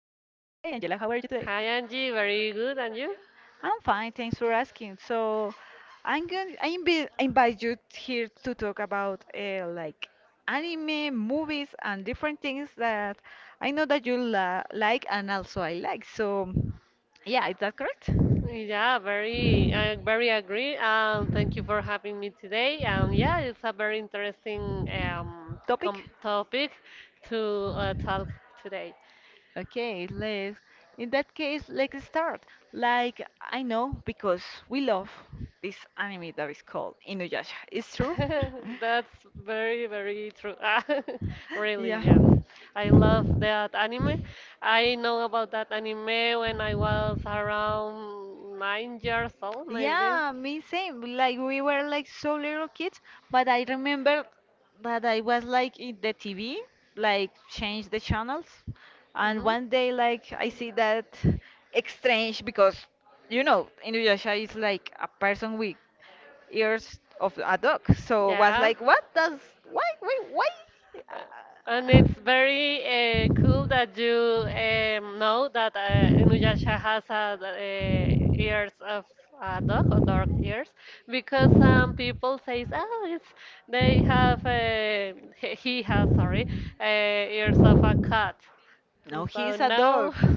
Angela, how are you today? Hi Angie, very good, and you? I'm fine, thanks for asking. So, I invite you here to talk about like anime, movies, and different things that I know that you la like and also I like. So, yeah, is that correct? Yeah, very, I very agree. Thank you for having me today. Yeah, it's a very interesting Topic? com topic to talk today. Okay, let's. In that case, let's start. Like, I know because we love this anime that is called Inuyasha. It's true? That's very, very true. Really, Yeah. yeah. I love that anime. I know about that anime when I was around 9 years old, maybe. Yeah, me same. Like we were like so little kids, but I remember that I was like in the TV, like change the channels, and Hmm one day like I see that exchange because you know Inuyasha is like a person with ears of a dog, so was Yeah. like what does why? Uh, And Uh, it's very cool that you know that Inuyasha has a, ears of a dog or dog ears because some people says oh it's they have he has sorry ears of a cat and no, so he's a dog. no.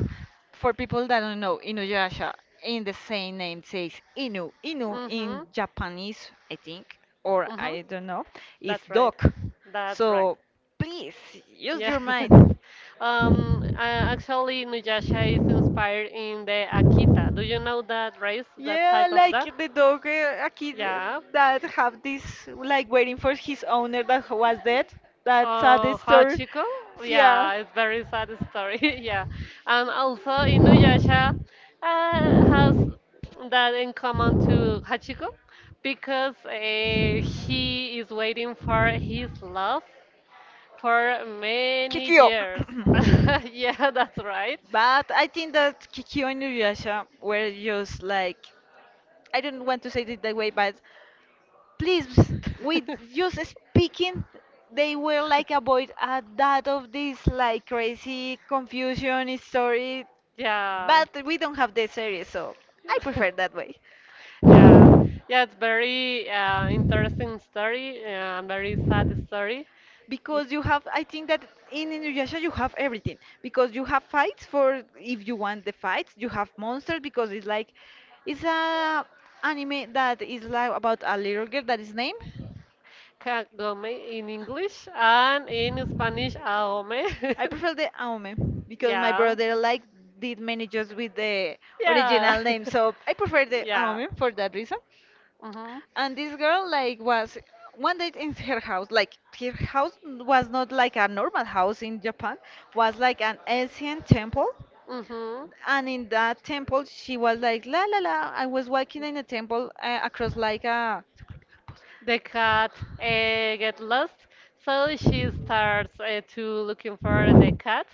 For people that don't know, Inuyasha in the same name says Inu. Inu in mhm. Japanese, I think, or Mm-hmm. I don't know, is That's right. dog. That's right. So please use Yeah. your mind. Um, uh, Actually, Nuyasha is inspired in the Akita. Do you know that race, that Yeah, type of like duck? the dog, a kid Yeah. that have this like waiting for his owner that was dead. That's a sad Oh, story. Hachiko? Yeah. Yeah, it's very sad story. Yeah. And also, Inuyasha has that in common to Hachiko because he is waiting for his love for many Kikyo. years. Yeah, that's right. But I think that Kikyo and Inuyasha were just like, I don't want to say it that way, but please, with just speaking, they were like avoid a that of this like crazy confusion story. Yeah. But we don't have the series, so I prefer that way. Yeah, yeah, it's very interesting story and very sad story. Because you have I think that in Inuyasha you have everything because you have fights for if you want the fights you have monsters because it's a anime that is like about a little girl that is named. Kagome in English and in Spanish, ahome. I prefer the aume because my Yeah. brother like did many just with the Yeah. original name so I prefer the yeah. aume for that reason. Mhm. And this girl like was one day in her house, like her house was not like a normal house in japan, was like an ancient temple. Mhm. And in that temple she was like la la la I was walking in a temple across like a. The cat get lost, so she starts to looking for the cat,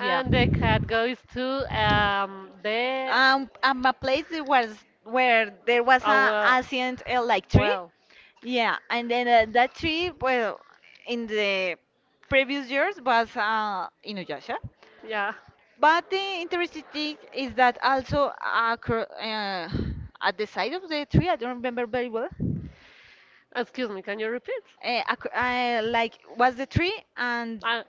Yeah. the cat goes to the. A place that was where there was Oh a well. ancient like tree. Well, Yeah, and then that tree, well, in the previous years was Inuyasha. yeah. But the interesting thing is that also at the side of the tree, I don't remember very well. Excuse me. Can you repeat? Like was the tree and Uh,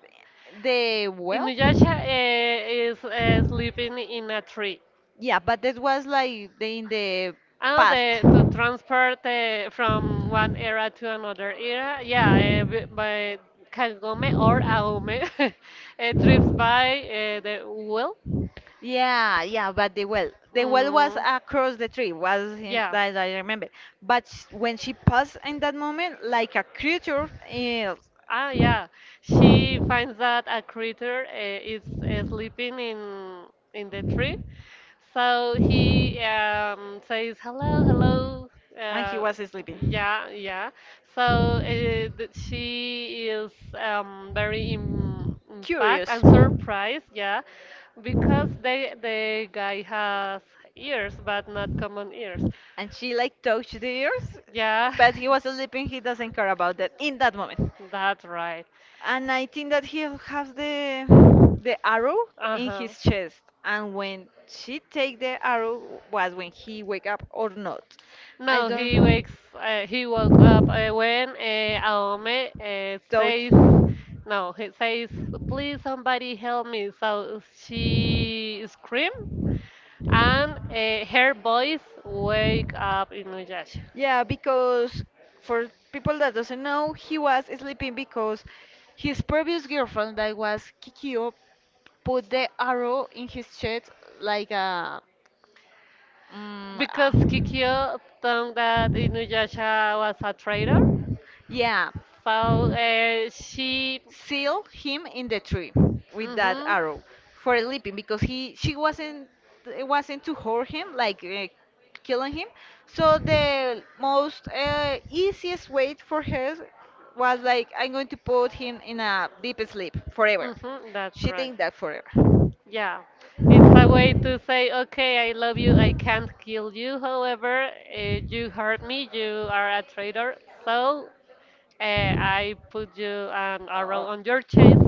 the well. Inuyasha is sleeping in a tree. Yeah, but that was like the, in the And And past. the, to transport from one era to another era, yeah, by Kagome or Aome trips by the well. The. Yeah, yeah, the well was Mm, across the tree, was in, yeah. that I remember. But sh when she passed in that moment, like a creature, is ah, Ah, yeah. She her finds that a creature is sleeping in the tree, so he says hello, hello. Uh, was and sleeping. yeah, yeah. So she is very im impact Curious. and surprised, yeah, because the guy has ears, but not common ears. And she like touched the ears, Yeah, but he was sleeping. He doesn't care about that in that moment. that's right. And I think that he has the arrow in Uh-huh. his chest, and when she take the arrow was when he wake up or not. I No, he don't wakes. He woke up when Aome touch. says, "No," he says, "Please, somebody help me." So she scream, and her voice wake up Inuyasha Yeah, because for people that doesn't know, he was sleeping because his previous girlfriend, that was Kikyo, put the arrow in his chest like a. Mm, because a- Kikyo thought that Inuyasha was a traitor. yeah, So she. seal him in the tree with that Mhm. arrow for leaping because he she wasn't, it wasn't to hurt him like killing him, so the most easiest way for her was like I'm going to put him in a deep sleep forever. Mm-hmm, that's She right. think that forever. Yeah. It's a way to say, okay, I love you, I can't kill you. However, you hurt me, you are a traitor. So I put you an arrow Uh, on your chest,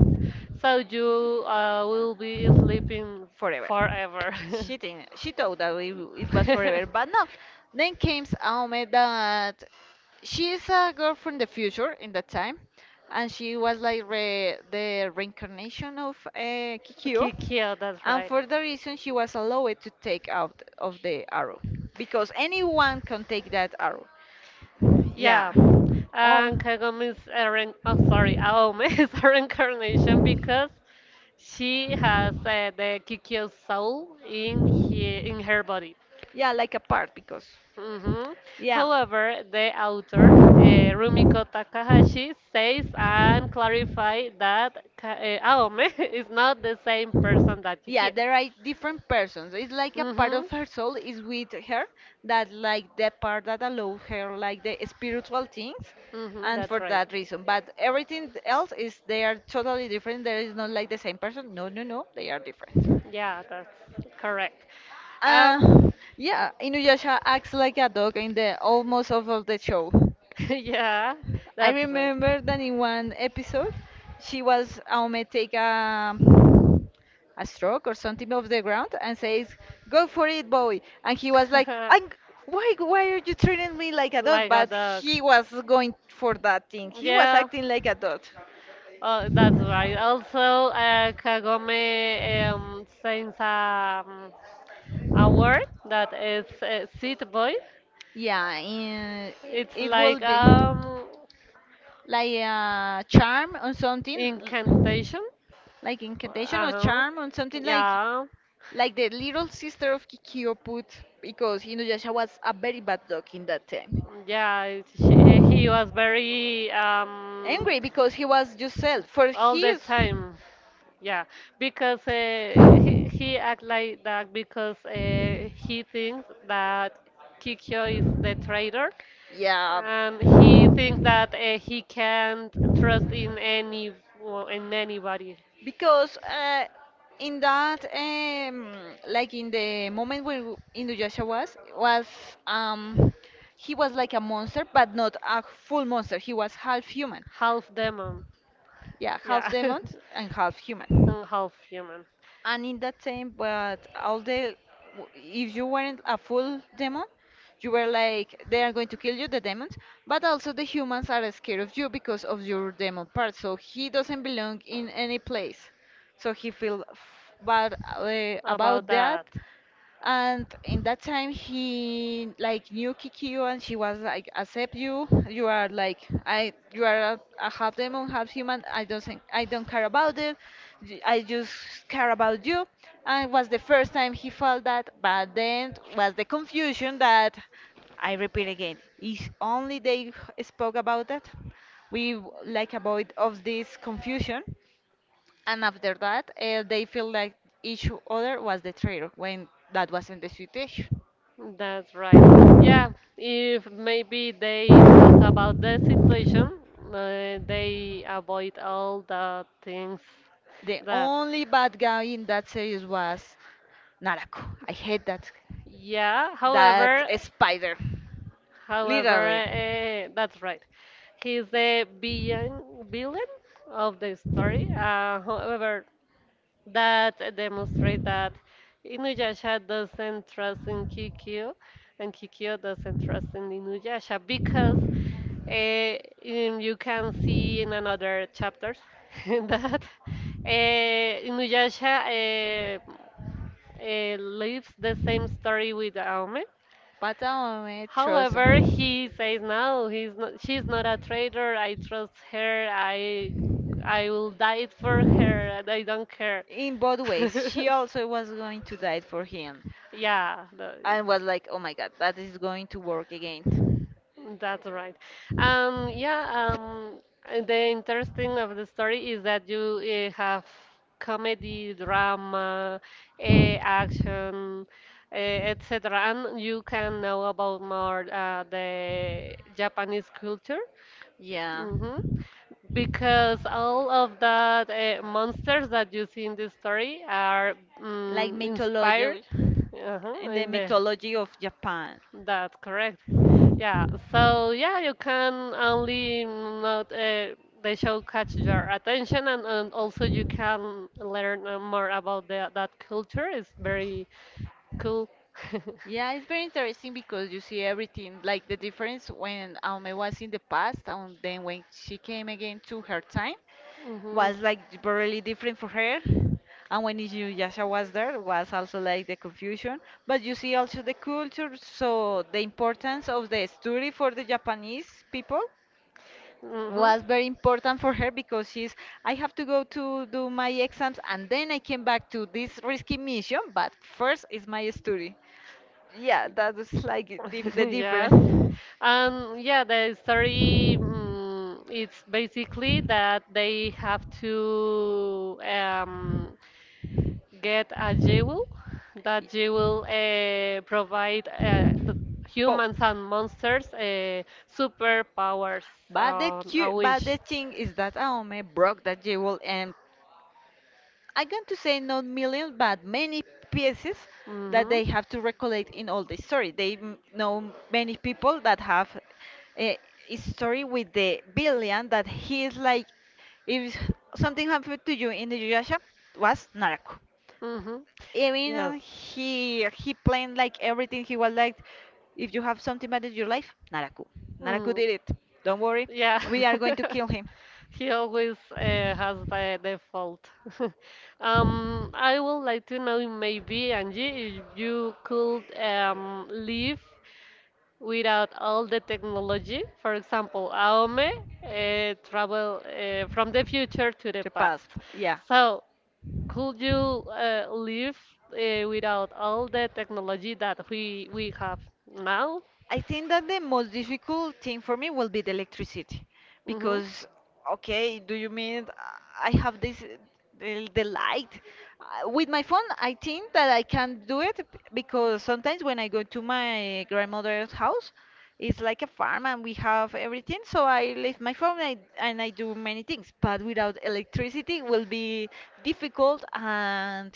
so you will be sleeping Forever. forever. She didn't. She thought that it was forever. forever, She but no. Then came Aome that she is a girl from the future in that time, and she was like the reincarnation of Kikyo, Kikyo, that's and right. for the reason she was allowed to take out of the arrow because anyone can take that arrow. Yeah. Yeah, Oh. and Kagome is a Aome is a reincarnation because she has the Kikyo soul in in her body. Yeah, like a part because Hmm yeah. However, the author Rumiko Takahashi says and clarify that Aome is not the same person that Yeah, Kikyo. there are different persons. It's like a part Mm-hmm. of her soul is with her that like the part that allows her like the spiritual things Mm-hmm, and that's for right. that reason. But everything else is they are totally different. There is not like the same person. No, no, no. They are different. Yeah, that's correct. Um, Uh, yeah, Inuyasha acts like a dog in the almost all of the show. yeah, I that's right. remember that in one episode, she was Aume take a stroke or something off the ground and says, "Go for it, boy!" And he was like, "I'm." Why are you treating me like a dog? Like a But dog. he was going for that thing. He was Yeah. acting like a dog. Oh, that's right. Also, Kagome sings a word that is seat boy. Yeah, in, It's it will like be like a charm or something, incantation. like incantation Uh or huh. charm or something like Yeah. like the little sister of Kikyo put because Inuyasha was a very bad dog in that time. Yeah, he was very Angry because he was just sold for all the his time. Yeah, because he act like that because he thinks that Kikyo is the traitor, yeah and he thinks that he can't trust in any well, in anybody. because in that like in the moment where Inuyasha was um he was like a monster but not a full monster, he was half human. Half demon, Yeah, half yeah, demon and half human. and half human. And in that time, but all the if you weren't a full demon, you were like they are going to kill you, the demons. But also the humans are scared of you because of your demon part. So he doesn't belong in any place. So he feel bad About about that. that, and in that time, he like knew Kikyo, and she was like, "Accept you. You are like I. You are a half demon, half human. I don't care about it. I just care about you." And it was the first time he felt that. But then was the confusion that I repeat again. If only they spoke about that, like avoid of this confusion and after that they feel like each other was the traitor when that wasn't the situation. That's right. Yeah, if maybe they talk about the situation, they avoid all the things The that. only bad guy in that series was narako. I hate that, Yeah, that however, spider however, literally. That's right. He's the villain, villain of the story. However, that demonstrates that Inuyasha doesn't trust in Kikyo, and Kikyo doesn't trust in Inuyasha because Uh, you can see in another chapter that Inuyasha lives the same story with Aome. Bartolome Trozo. However, he says no, he's not, she's not a traitor. I trust her. I will die for her, and I don't care. In both ways, she also was going to die for him Yeah, the- and was like, oh my god, that is going to work again. That's right. Um, yeah, um, the interesting of the story is that you have comedy, drama, action, etc. And you can know about more the Japanese culture. Yeah, Hmm Because all of that monsters that you see in this story are like inspired mythology, in the in the. mythology of Japan. That's correct. Yeah, so yeah, you can only not the show catch your attention, and also you can learn more about that culture. It's very cool. Yeah, it's very interesting because you see everything, like the difference when Aume was in the past and then when she came again to her time hmm was like really different for her. And when Inuyasha was there was also like the confusion. But you see also the culture, so the importance of the story for the Japanese people hmm was very important for her because she's, I have to go to do my exams and then I came back to this risky mission, but first is my study. Yeah, that was like the difference. Yes. Yeah, the story it's basically that they have to get a Ye-. jewel that jewel provide humans and monsters superpowers But a but the wish. thing is that Aome broke that jewel and I'm going to say not millions, but many pieces that Mhm. they have to recollect in all the story. They know many people that have a a story with the villain that he is like, if something happened to you in the Yuyasha, was Naraku. Mhm. Even Yes. he planned like everything. He was like, if you have something bad in your life, Naraku. Naraku Mm. did it. Don't worry, Yeah. we are going to kill him. He always has the fault. I would like to know maybe, Angie, if you could live without all the technology. For example, Aome travel from the future to the past. Past, yeah. So, could you live without all the technology that we have now? I think that the most difficult thing for me will be the electricity Hmm because okay, do you mean I have this the, the light, with my phone? I think that I can do it because sometimes when I go to my grandmother's house, it's like a farm and we have everything, so I leave my phone and and I do many things, but without electricity will be difficult and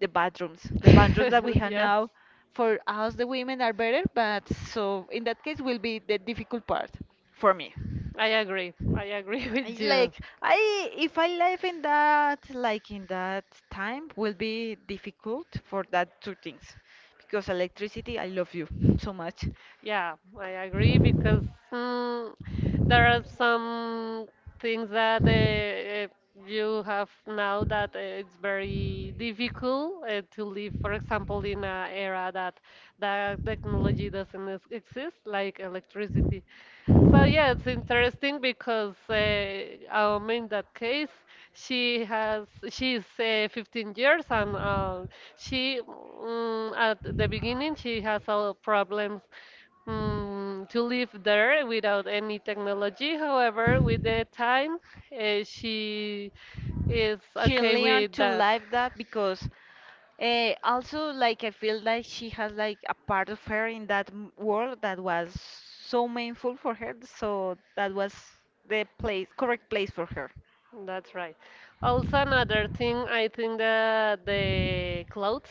the bathrooms. The bathrooms that we have Yes. now for us, the women, are better, but so in that case will be the difficult part for me. I agree. I agree with I you. Like if I live in that, like in that time, will be difficult for that two things, because electricity, I love you so much. Yeah, I agree because mm, there are some things that uh, you have now that it's very difficult to live, for example, in an era that technology doesn't exist, like electricity. So yeah, it's interesting because in that case, she's 15 years and she at the beginning she has all problems to live there without any technology. However, with the time, she is She okay learned with to that. live that because also like I feel like she has like a part of her in that world that was so meaningful for her. So that was the place, correct place for her. That's right. Also, another thing, I think that the clothes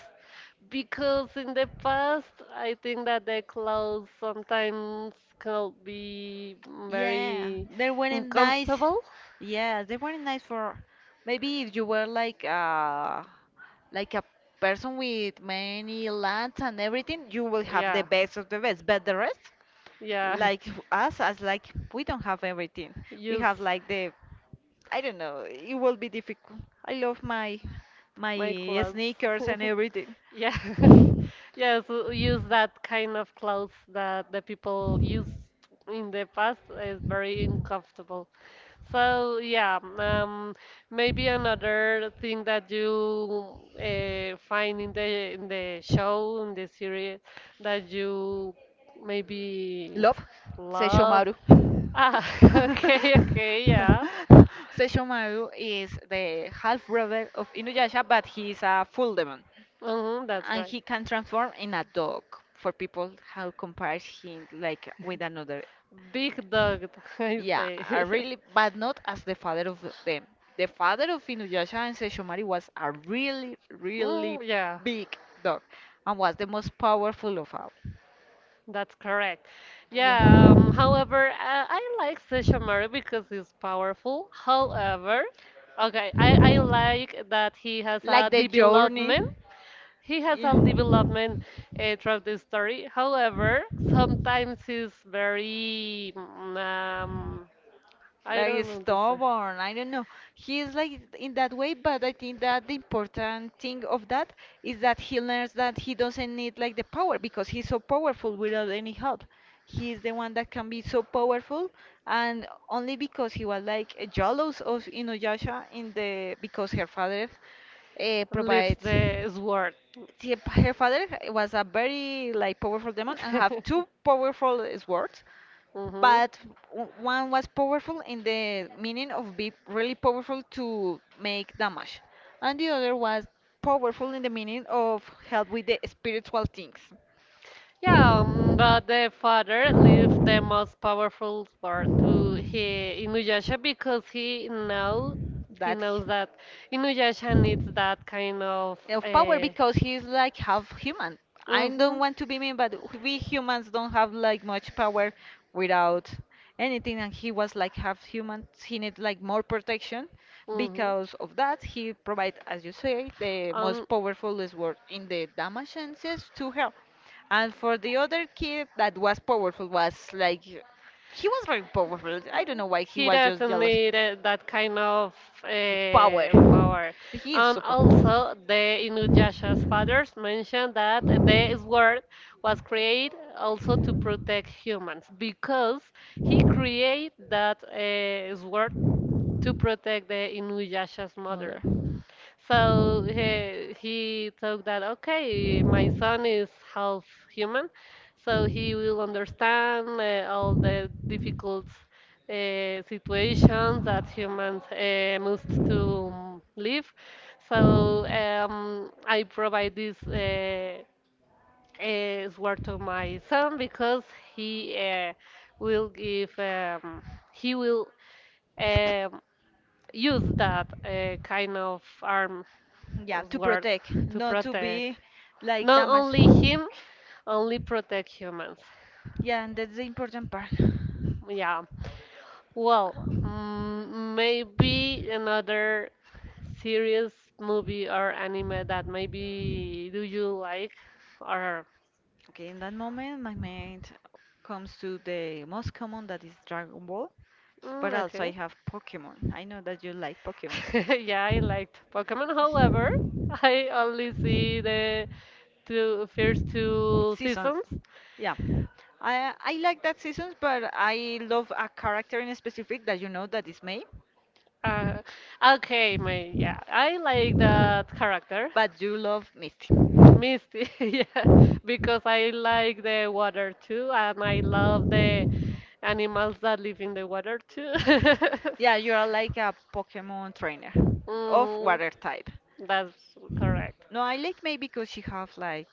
because in the past, I think that the clothes sometimes could be Yeah, very they weren't nice. uncomfortable. Yeah, they weren't nice for maybe if you were like a person with many lands and everything, you will have the Yeah, best of the best. But the rest, yeah. like us, as like we don't have everything. We Use have like the, I don't know. It will be difficult. I love my my my clothes. sneakers and everything. Yes, yes, use that kind of clothes that the people used in the past is very uncomfortable. So yeah, maybe another thing that you find in the show in the series that you maybe Love, love. Seishomaru. Ah, okay, okay, yeah, Seishomaru is the half brother of Inuyasha, but he is a full demon hmm that's and right. he can transform in a dog for people. How compares him like with another? Big dog, I Yeah, say. really, but not as the father of them. The father of Inuyasha and Sesshomaru was a really really Mm, yeah, big dog and was the most powerful of all. that's correct. Yeah, Yeah, however, I like Sesshomaru because he's powerful. However, okay, I like that he has like a the journey. development. He has Yeah, a development throughout the story. However, sometimes he's very, I like don't know, the stubborn, I don't know, he's like in that way. But I think that the important thing of that is that he learns that he doesn't need like the power because he's so powerful without any help. He's the one that can be so powerful, and only because he was like jealous of Inuyasha in the because her father lifts provides the sword. Her father was a very like powerful demon and have two powerful swords. hmm But one was powerful in the meaning of be really powerful to make damage, and the other was powerful in the meaning of help with the spiritual things. Yeah, but the father lived the most powerful part to he Inuyasha because he That knows that Inuyasha needs that kind of of power uh, because he's like half human. I don't mhm, want to be mean, but we humans don't have like much power without anything. And he was like half human. He needs like more protection mhm. because of that. He provide, as you say, the Um, most powerful sword in the Damascenses to her. And for the other kid that was powerful was like he was very powerful. I don't know why he he was just doesn't jealous need that kind of power. Power. He is And super. also, the Inuyasha's fathers mentioned that the sword was created also to protect humans because he created that sword to protect the Inuyasha's mother. Mother. So he thought that, okay, my son is half human, so he will understand all the difficult situations that humans must to live. So I provide this sword to my son because he will give, um, he will um, use that kind of arm. Yeah, Oh to Lord, protect, to not to protect be like not damaged. only him, only protect humans. Yeah, and that's the important part. Yeah. Well, maybe another serious movie or anime that maybe do you like or Okay, in that moment, my mind comes to the most common that is Dragon Ball, but also I okay. have Pokemon. I know that you like Pokemon. Yeah, I liked Pokemon. However, I only see the two first Seasons. two Seasons. seasons. Yeah. I like that seasons, but I love a character in specific that you know that is May. Uh, okay, my yeah, I like that character. But you love Misty. Misty, yeah, because I like the water too, and I love the animals that live in the water too. Yeah, you are like a Pokemon trainer of Mhm, water type. that's correct. No, I like maybe because she have like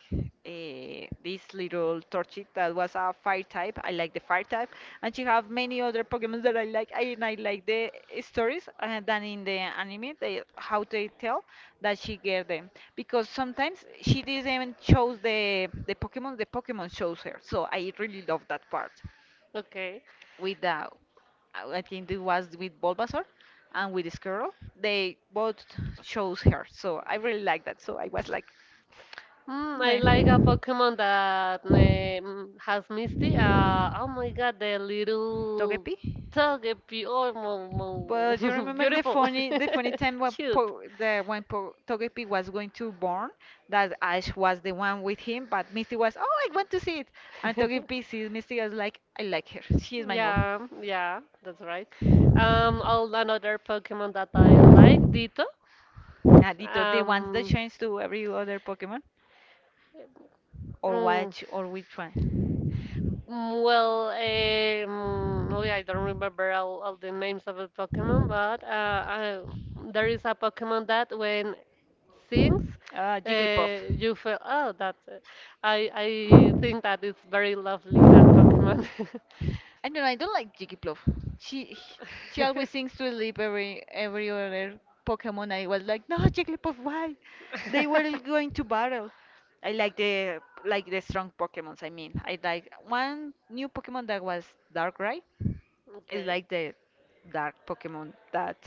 this little Torchic that was a fire type. I like the fire type, and she have many other Pokemon that I like. And I like the stories than in the anime. They how they tell that she get them because sometimes she didn't even chose the Pokemon. The Pokemon chose her, so I really love that part Okay. with the I think it was with Bulbasaur and with Squirrel. They both chose her, so I really like that. So I was like, Mm, I like a well, Pokemon that has Misty. Oh my God, the little Togepi. Togepi. Oh, But you remember the beautiful, funny, the funny time when cute. po, the when po, Togepi was going to born, that Ash was the one with him, but Misty was, oh, I want to see it, and Togepi sees Misty as like, I like her, she is my mom. Yeah, yeah, that's right. All another Pokemon that I like, Ditto. Nadito, the ones that Um, change to every other Pokemon? Or mm, which, or which one? Oh yeah, I don't remember all the names of the Pokemon, but there is a Pokemon that when sings, Jigglypuff. You feel oh that's it. I think that it's very lovely that Pokemon. I do know I don't like Jigglypuff. She she always sings to sleep every other Pokemon. I was like, no, Jigglypuff, why? They were going to battle. I like the strong Pokemons. I mean, I like one new Pokemon that was Darkrai. It's Okay. like the dark Pokemon that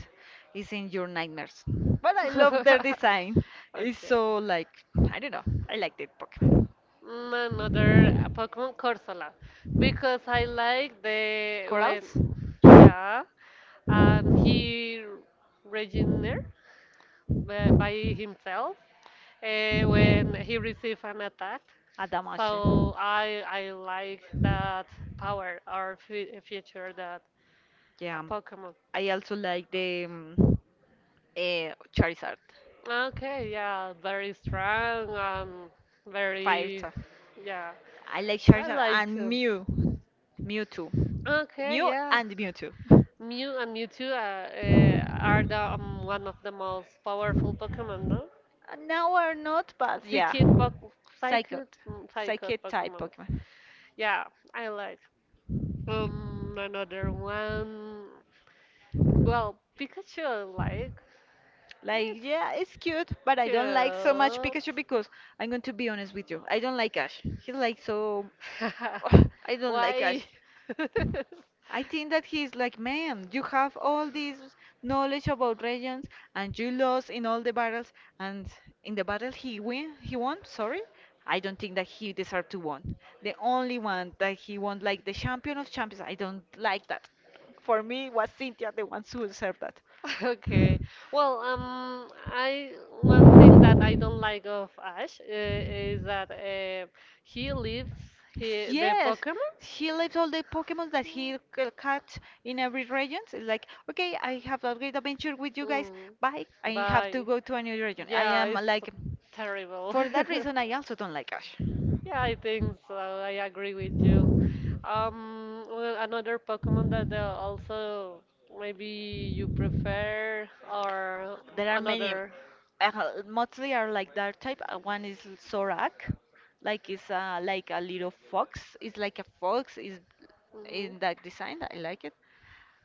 is in your nightmares. But I love their design. It's Okay. so like I don't know. I like the Pokemon. Mm, another Pokemon Corsola because I like the when Corals? yeah and he regenerated by himself when he received an attack. Adamashi. So I like that power or fe feature that Yeah, a Pokemon. I also like the uh, Charizard, Okay, yeah, very strong, fire very, type. yeah. I like I Charizard like and to. Mew, Mewtwo, Okay, Mew yeah. and Mewtwo. Mew and Mewtwo are the one of the most powerful Pokemon, no? Now are not, but yeah, Psychic, po- psychic, Psychot, psychic Psychic type Pokemon. Pokemon. Yeah, I like. Another one. Well, Pikachu, I like. Like, yeah, it's cute, but It's I cute. don't like so much Pikachu because I'm going to be honest with you. I don't like Ash. He's like so. Ugh, I don't like Why? Ash. I think that he's like, man, you have all this knowledge about regions, and you lost in all the battles, and in the battle he win, he won. Sorry, I don't think that he deserved to won. The only one that he won, like the champion of champions, I don't like that. For me, it was Cynthia the one who served that. Okay. Well, I one thing that I don't like of Ash is that he leaves he, the Yes, Pokemon. he leaves all the Pokemon that he catch in every region. It's like, okay, I have a great adventure with you guys. Mm. Bye. I have to Bye. go to a new region. I Yeah, am it's like, terrible. for that reason, I also don't like Ash. Yeah, I think so. I agree with you. Well, another Pokemon that also maybe you prefer or There are many. another. Mostly are like that type. One is Sorak, like it's like a little fox. It's like a fox. Is Mhm. in that design. I like it.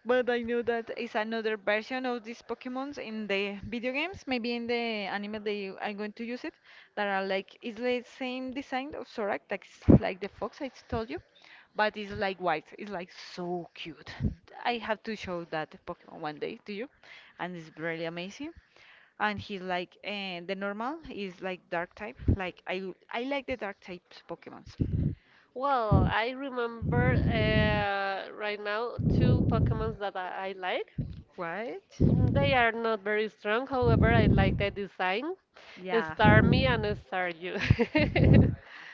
But I know that is another version of these Pokemons in the video games. Maybe in the anime they are going to use it. That are like it's the same design of Zorak, that's like the fox I told you, but it's like white. It's like so cute. I have to show that Pokemon one day to you, and it's really amazing. And he's like the normal is like dark type. Like I like the dark types Pokemons. Well, I remember right now two Pokemons that I like. Right? Mm, they are not very strong, however, I like the design. Yeah. Starmie and Staryu.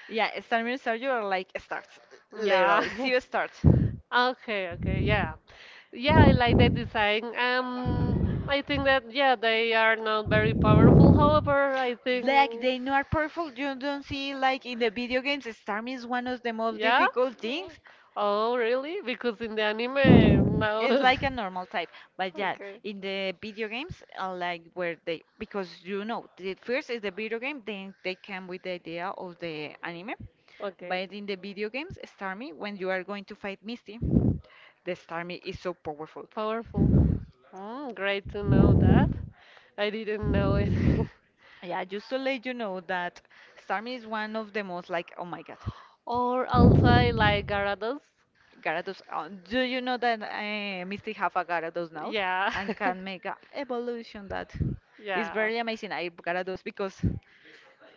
Yeah, a Star Minister, you are like a start, Yeah. literally, zero start. Okay, okay, yeah. Yeah, I like the design. I think that, yeah, they are not very powerful, however, I Like think. they know are powerful. You don't see like in the video games, Storm is one of the most Yeah? difficult things. Oh, really? Because in the anime, It's no. like a normal type, but yeah, Okay. in the video games, I like where they because you know the first is the video game, then they came with the idea of the anime. Okay. But in the video games, Starmie, when you are going to fight Misty, the Starmie is so powerful. Powerful. Mm, great to know that. I didn't know it. Yeah, just to let you know that Starmie is one of the most like oh my god, Or also I like Gyarados. Gyarados. Do you know that Misty have a Gyarados now Yeah. and can make a evolution that is Yeah. very amazing. I Gyarados because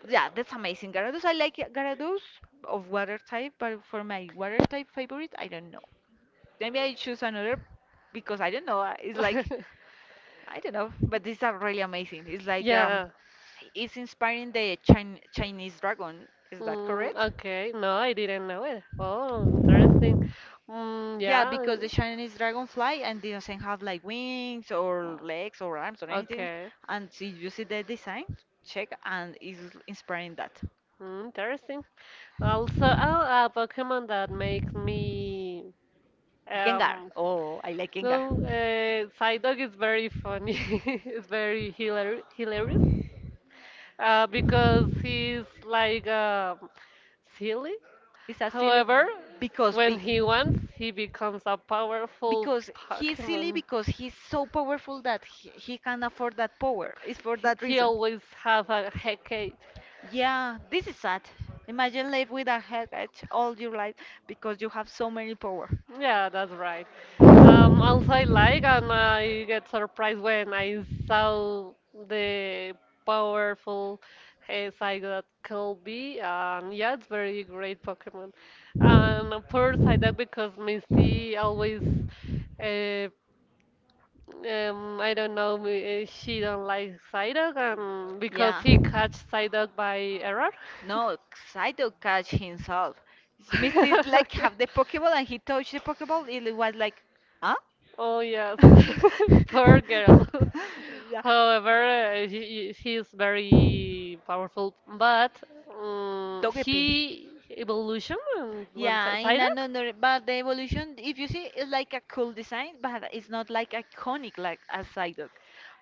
yeah, that's amazing. Gyarados. I like it. Gyarados of water type, but for my water type favorite, I don't know. Maybe I choose another because I don't know. It's like I don't know, but these are really amazing. It's like Yeah. it's inspiring the Chinese dragon. Is that Mm, correct? okay. No, I didn't know it. Oh, interesting. Mm, Yeah, yeah. yeah. Because the Chinese dragonfly and it doesn't have like wings or legs or arms or anything. Okay. Okay. And see, you see the design, check, and it's inspiring that. Mm, interesting. Also, oh, a Pokemon that makes me Gengar. um Oh, I like Gengar. no, Psyduck is very funny. It's It's very hilarious because he's like silly. a silly However, because when big. he wants, he becomes a powerful Because he's silly Pokemon. because he's so powerful that he can afford that power. It's for He, that he reason. always have a hecate. Yeah, this is sad. Imagine live with a headache all your life because you have so many power. Yeah, that's right. Also, I like and I get surprised when I saw the powerful side that could be. And yeah, it's very great Pokemon. And poor Psyduck because Misty always, uh, I don't know, she don't like Psyduck and because Yeah. he catch Psyduck by error. No, Saito catch himself. Mister like Okay. have the Pokeball and he touched the Pokeball. It was like, huh? Oh yes, poor girl. yeah. However, he is very powerful, but Togepi. he evolution and one Yeah, in Psyduck, another, but the evolution, if you see, it's like a cool design, but it's not like iconic like a Psyduck.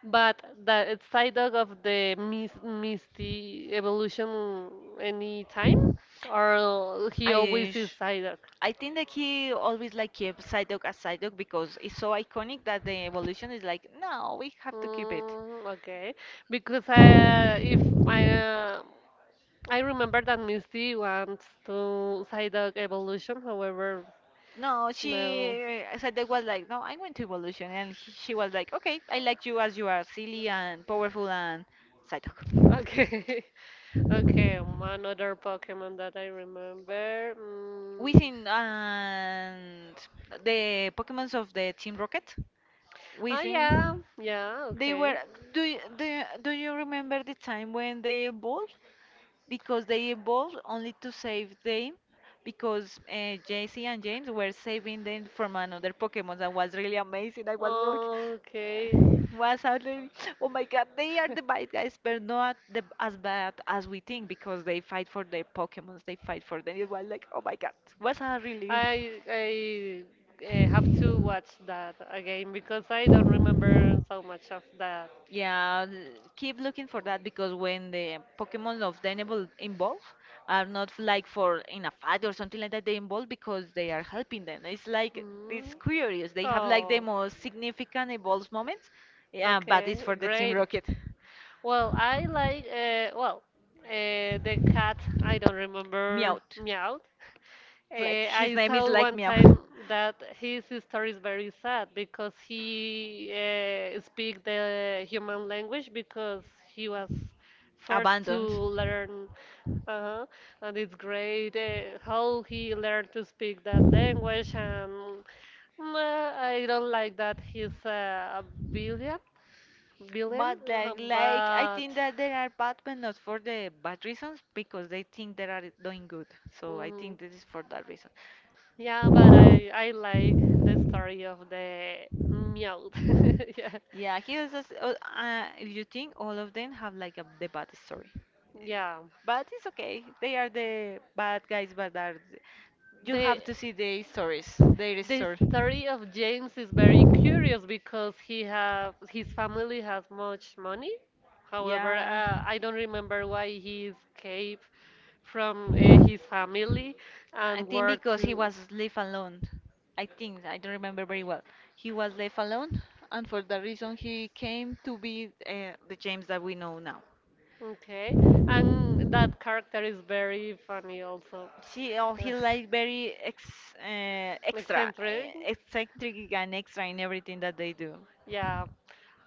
but the Psyduck of the Misty evolution any time, or he I, always is sh- Psyduck. I think that he always like kept Psyduck as Psyduck because it's so iconic that the evolution is like, no, we have to keep it. Mm, okay, because I, if I. I remember that Miss D wants to Psyduck evolution, however, No, no. she said they was like, no, I'm going to evolution, and she was like, okay, I like you as you are, silly and powerful and psychic. Okay, okay, another Pokemon that I remember. Mm. Mm, and the Pokemons of the Team Rocket. Oh Oh, yeah, yeah, they okay. Were. okay. Do you remember the time when they evolved? Because they evolved only to save them because Jesse and James were saving them from another Pokemon that was really amazing. I was like, Okay, was out there, oh my god, they are the bad guys, but not the, as bad as we think because they fight for their Pokemons, they fight for them. It was like, oh my god, was a really. I have to watch that again because I don't remember so much of that. Yeah, keep looking for that because when the Pokemon of Dynevol involve are not like for in a fight or something like that, they involve because they are helping them. It's like Mm. it's curious. They have like the Oh. most significant evolves moments, yeah, but Okay, it's for the Team great. Rocket. Well, I like, well, the cat, I don't remember, Meowth. meowed. Like his I name is saw like one Meow. time that his story is very sad because he speak the human language because he was forced to Abandoned. learn. Uh-huh. And it's great how he learned to speak that language. And nah, I don't like that he's a billion, villain, But like I but think that there are bad, but not for the bad reasons, because they think they are doing good. So I mm, think this is for that reason. yeah, but I like the story of the mute. Yeah, Yeah, he was. If you think all of them have like a, the bad story. yeah. But it's okay. They are the bad guys, but are you The have to see the stories. Their the story. story of James is very curious because he have his family has much money. However, Yeah. I don't remember why he escaped from his family I and think where because he to. was left alone. I think I don't remember very well. He was left alone, and for that reason, he came to be the James that we know now. Okay, and that character is very funny also. She oh he like very ex extra, eccentric. Eccentric and extra in everything that they do. Yeah.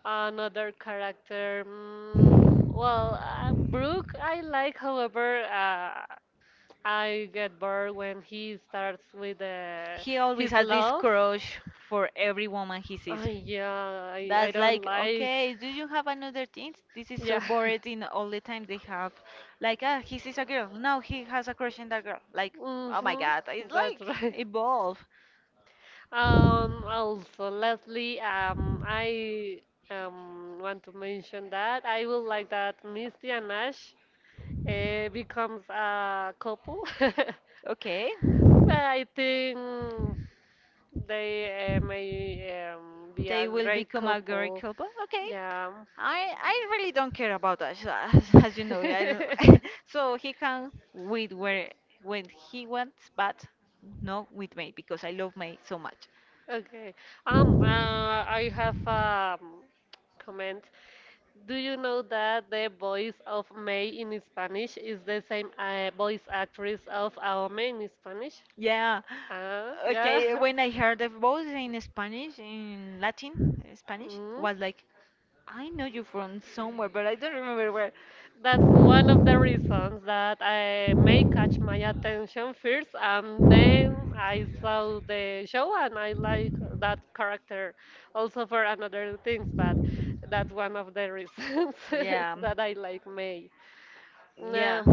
Another character, mm, well, Brooke, I like. However, I get bored when he starts with He always his has this love. crush for every woman he sees. Yeah, I That's don't like, like. okay, do you have another thing? This is so Yeah. boring in all the time they have. Like, ah, he sees a girl. Now he has a crush on that girl. Like, oh my Mm-hmm. god, it's That's like right. evolve. Also, lastly, I want to mention that I would like that Misty and Ash becomes a couple. Okay. But I think they may be a They will great become a girl couple. couple? Okay. Yeah. I I really don't care about that, as you know. I don't. So he can with where when he wants, but not with me because I love me so much. Okay. I have um, comment. Do you know that the voice of May in Spanish is the same voice actress of Aome in Spanish? Yeah. Huh? Yeah. Okay. When I heard the voice in Spanish, in Latin, Spanish Mm. was like I know you from somewhere, but I don't remember where. That's one of the reasons that I may catch my attention first, and then I saw the show and I like that character also for another things, but that's one of the reasons Yeah. that I like May. Yeah. Um,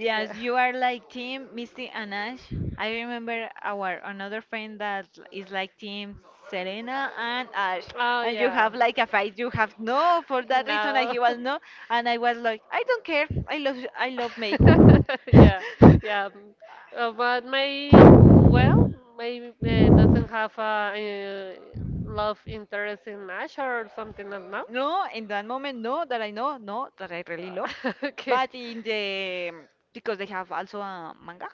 Yeah. you are like team Misty and Ash. I remember our another friend that is like team Serena and Ash. Oh, you have, And you yeah, have like a fight. have. You have no for that reason. I No. he was no, and I was like, I don't care. I love No, and I don't care. I I love May. love you. Yeah, yeah, mm. But my well, maybe doesn't have a love interest in Ash or something like that. No, No, in that moment, no, that I know, no, that I really love. all. Okay. But in the because they have also a manga,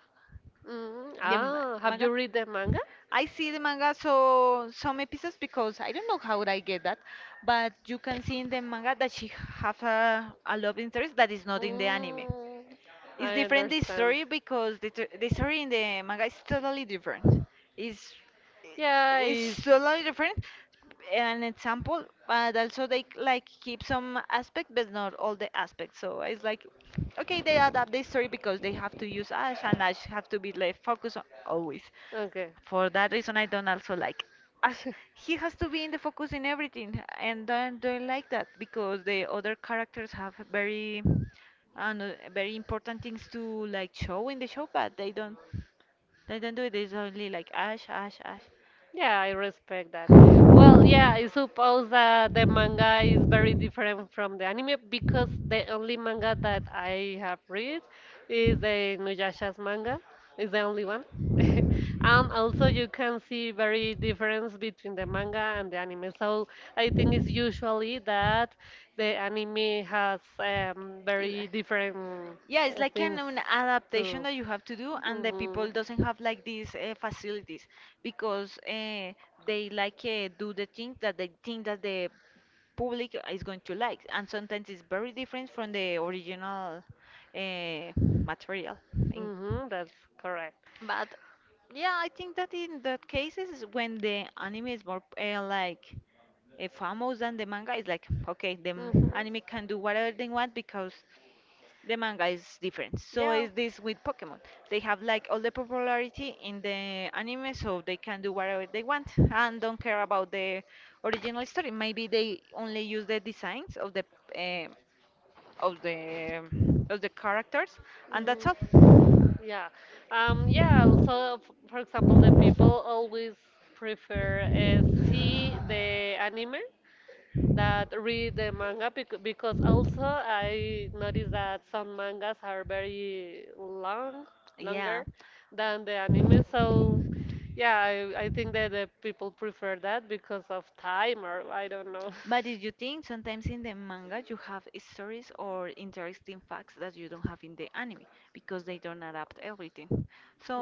Mm, the ma- ah, have you read the manga? I see the manga, so some episodes because I don't know how would I get that, but you can see in the manga that she have a love interest that is not in the anime. Mm, It's I different the understand. story because the story in the manga is totally different. It's Yeah, it's it's totally different. An example, but also they like keep some aspect, but not all the aspects. So it's like, okay, they adapt the story because they have to use Ash, and Ash have to be like focused on always. okay. For that reason, I don't also like. Ash, he has to be in the focus in everything, and I don't like that because the other characters have very, I don't know, very important things to like show in the show, but they don't do it. It's only like Ash, Ash, Ash. Yeah, I respect that. Well, yeah, I suppose that the manga is very different from the anime because the only manga that I have read is the Nuyasha's manga. It's the only one. And also you can see very difference between the manga and the anime. So I think it's usually that the anime has L- very different yeah it's like things an adaptation to. that you have to do and the Hmm. people doesn't have like these facilities because they like do the thing that they think that the public is going to like and sometimes it's very different from the original uh, material in, Hmm, that's correct. but yeah, I think that in that cases when the anime is more like famous Mhm. than the manga it's like okay anime can do whatever they want because the manga is different so Yeah. is this with pokemon they have like all the popularity in the anime so they can do whatever they want and don't care about the original story maybe they only use the designs of the eh, of the of the characters and that's Mm, all. yeah. Yeah, also, for example, the people always prefer see the anime that read the manga because also I noticed that some mangas are very long, longer than the anime. So yeah, I think that the people prefer that because of time or I don't know. But did you think sometimes in the manga you have stories or interesting facts that you don't have in the anime because they don't adapt everything?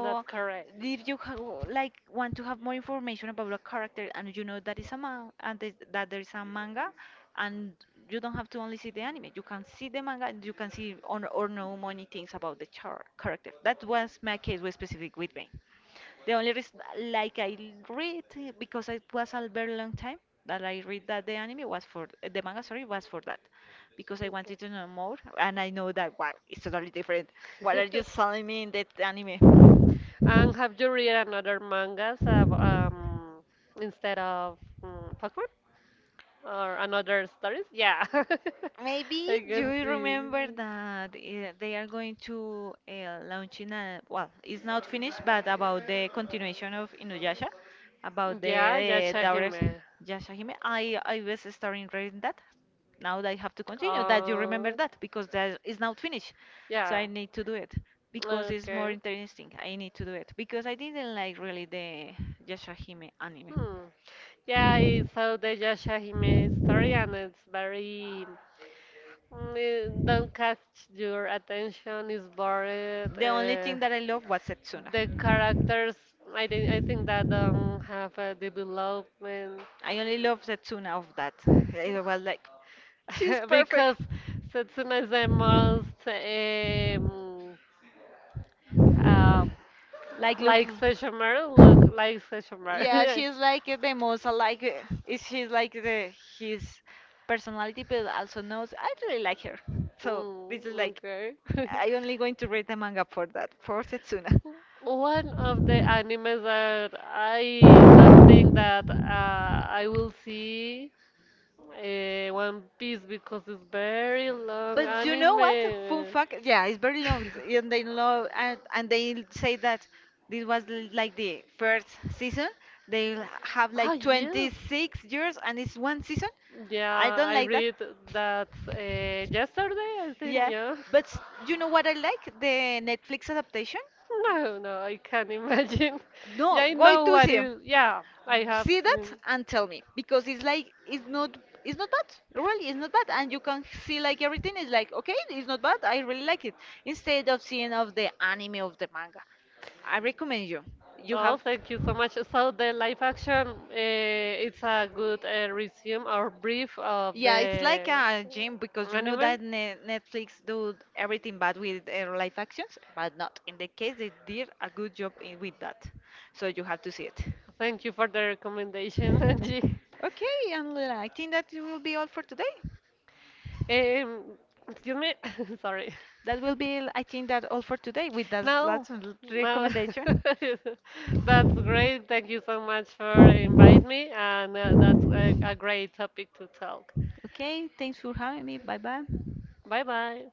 That's correct. if you ha like want to have more information about a character and you know that is a man and that there is a manga, and you don't have to only see the anime, you can see the manga and you can see on or know many things about the character. That was my case with specific with me. The only reason, like I read, because it was a very long time that I read that the anime was for the manga, sorry, was for that, because I wanted to know more, and I know that wow, it's totally different. What are you selling me in that anime? And have you read another mangas instead of mm Pokemon or another stories? Yeah, I. Maybe do good. You remember that they are going to launch in a well, it's not finished, but about the continuation of Inuyasha, about the Yeah, yeah, check him, daughters eh. Yashahime. I was starting reading that. Now that I have to continue. That you Oh, remember Uh, that because that is not finished, so yeah. I need to do it because it's more Okay. interesting. I need to do it because I didn't like really the Yashahime anime. Hmm. Yeah, I saw the Yashahime story and it's very mm, eh. Don't catch your attention, is bored. The only thing that I loved was Setsuna. The characters, I think that don't have a development. I only love Setsuna of that. It was like, she's Because perfect. Setsuna is the most um Like, look. like Sesshomaru. Look, like Yeah, Sesshomaru. she's like the most like is she's like the his personality, but also knows I really like her. So Mm, this is like okay. I only going to read the manga for that, for Setsuna. One of the animes that I don't think that I will see, uh, One Piece, because it's very long But you know what? Fun anime. fact, yeah, it's very long, and they love and they say that this was like the first season. They have Oh Ah, like yes. 26 years, and it's one season. I Yeah, don't I like that. read that yesterday, I think, Yeah, yeah. but s- you know what I like? The Netflix adaptation? No, no, I can't imagine. Yeah, No, I go know to what see. is. Yeah, I have See seen. that and tell me because it's like it's not bad. Really, it's not bad, and you can see like everything is like okay, it's not bad. I really like it. Instead of seeing of the anime of the manga, I recommend you. You Oh, have. thank you so much. So the live action, it's a good resume or brief of Yeah, it's like the a gym because you know anime. that Netflix do everything bad with live actions, but not in the case they did a good job in, with that. So you have to see it. Thank you for the recommendation, Angie. Okay, and I think that will be all for today. Um, excuse me, sorry. That will be, I think that all for today with that No, last no. recommendation. That's great. Thank you so much for inviting me, and that's a great topic to talk. Okay, thanks for having me. Bye bye. Bye bye.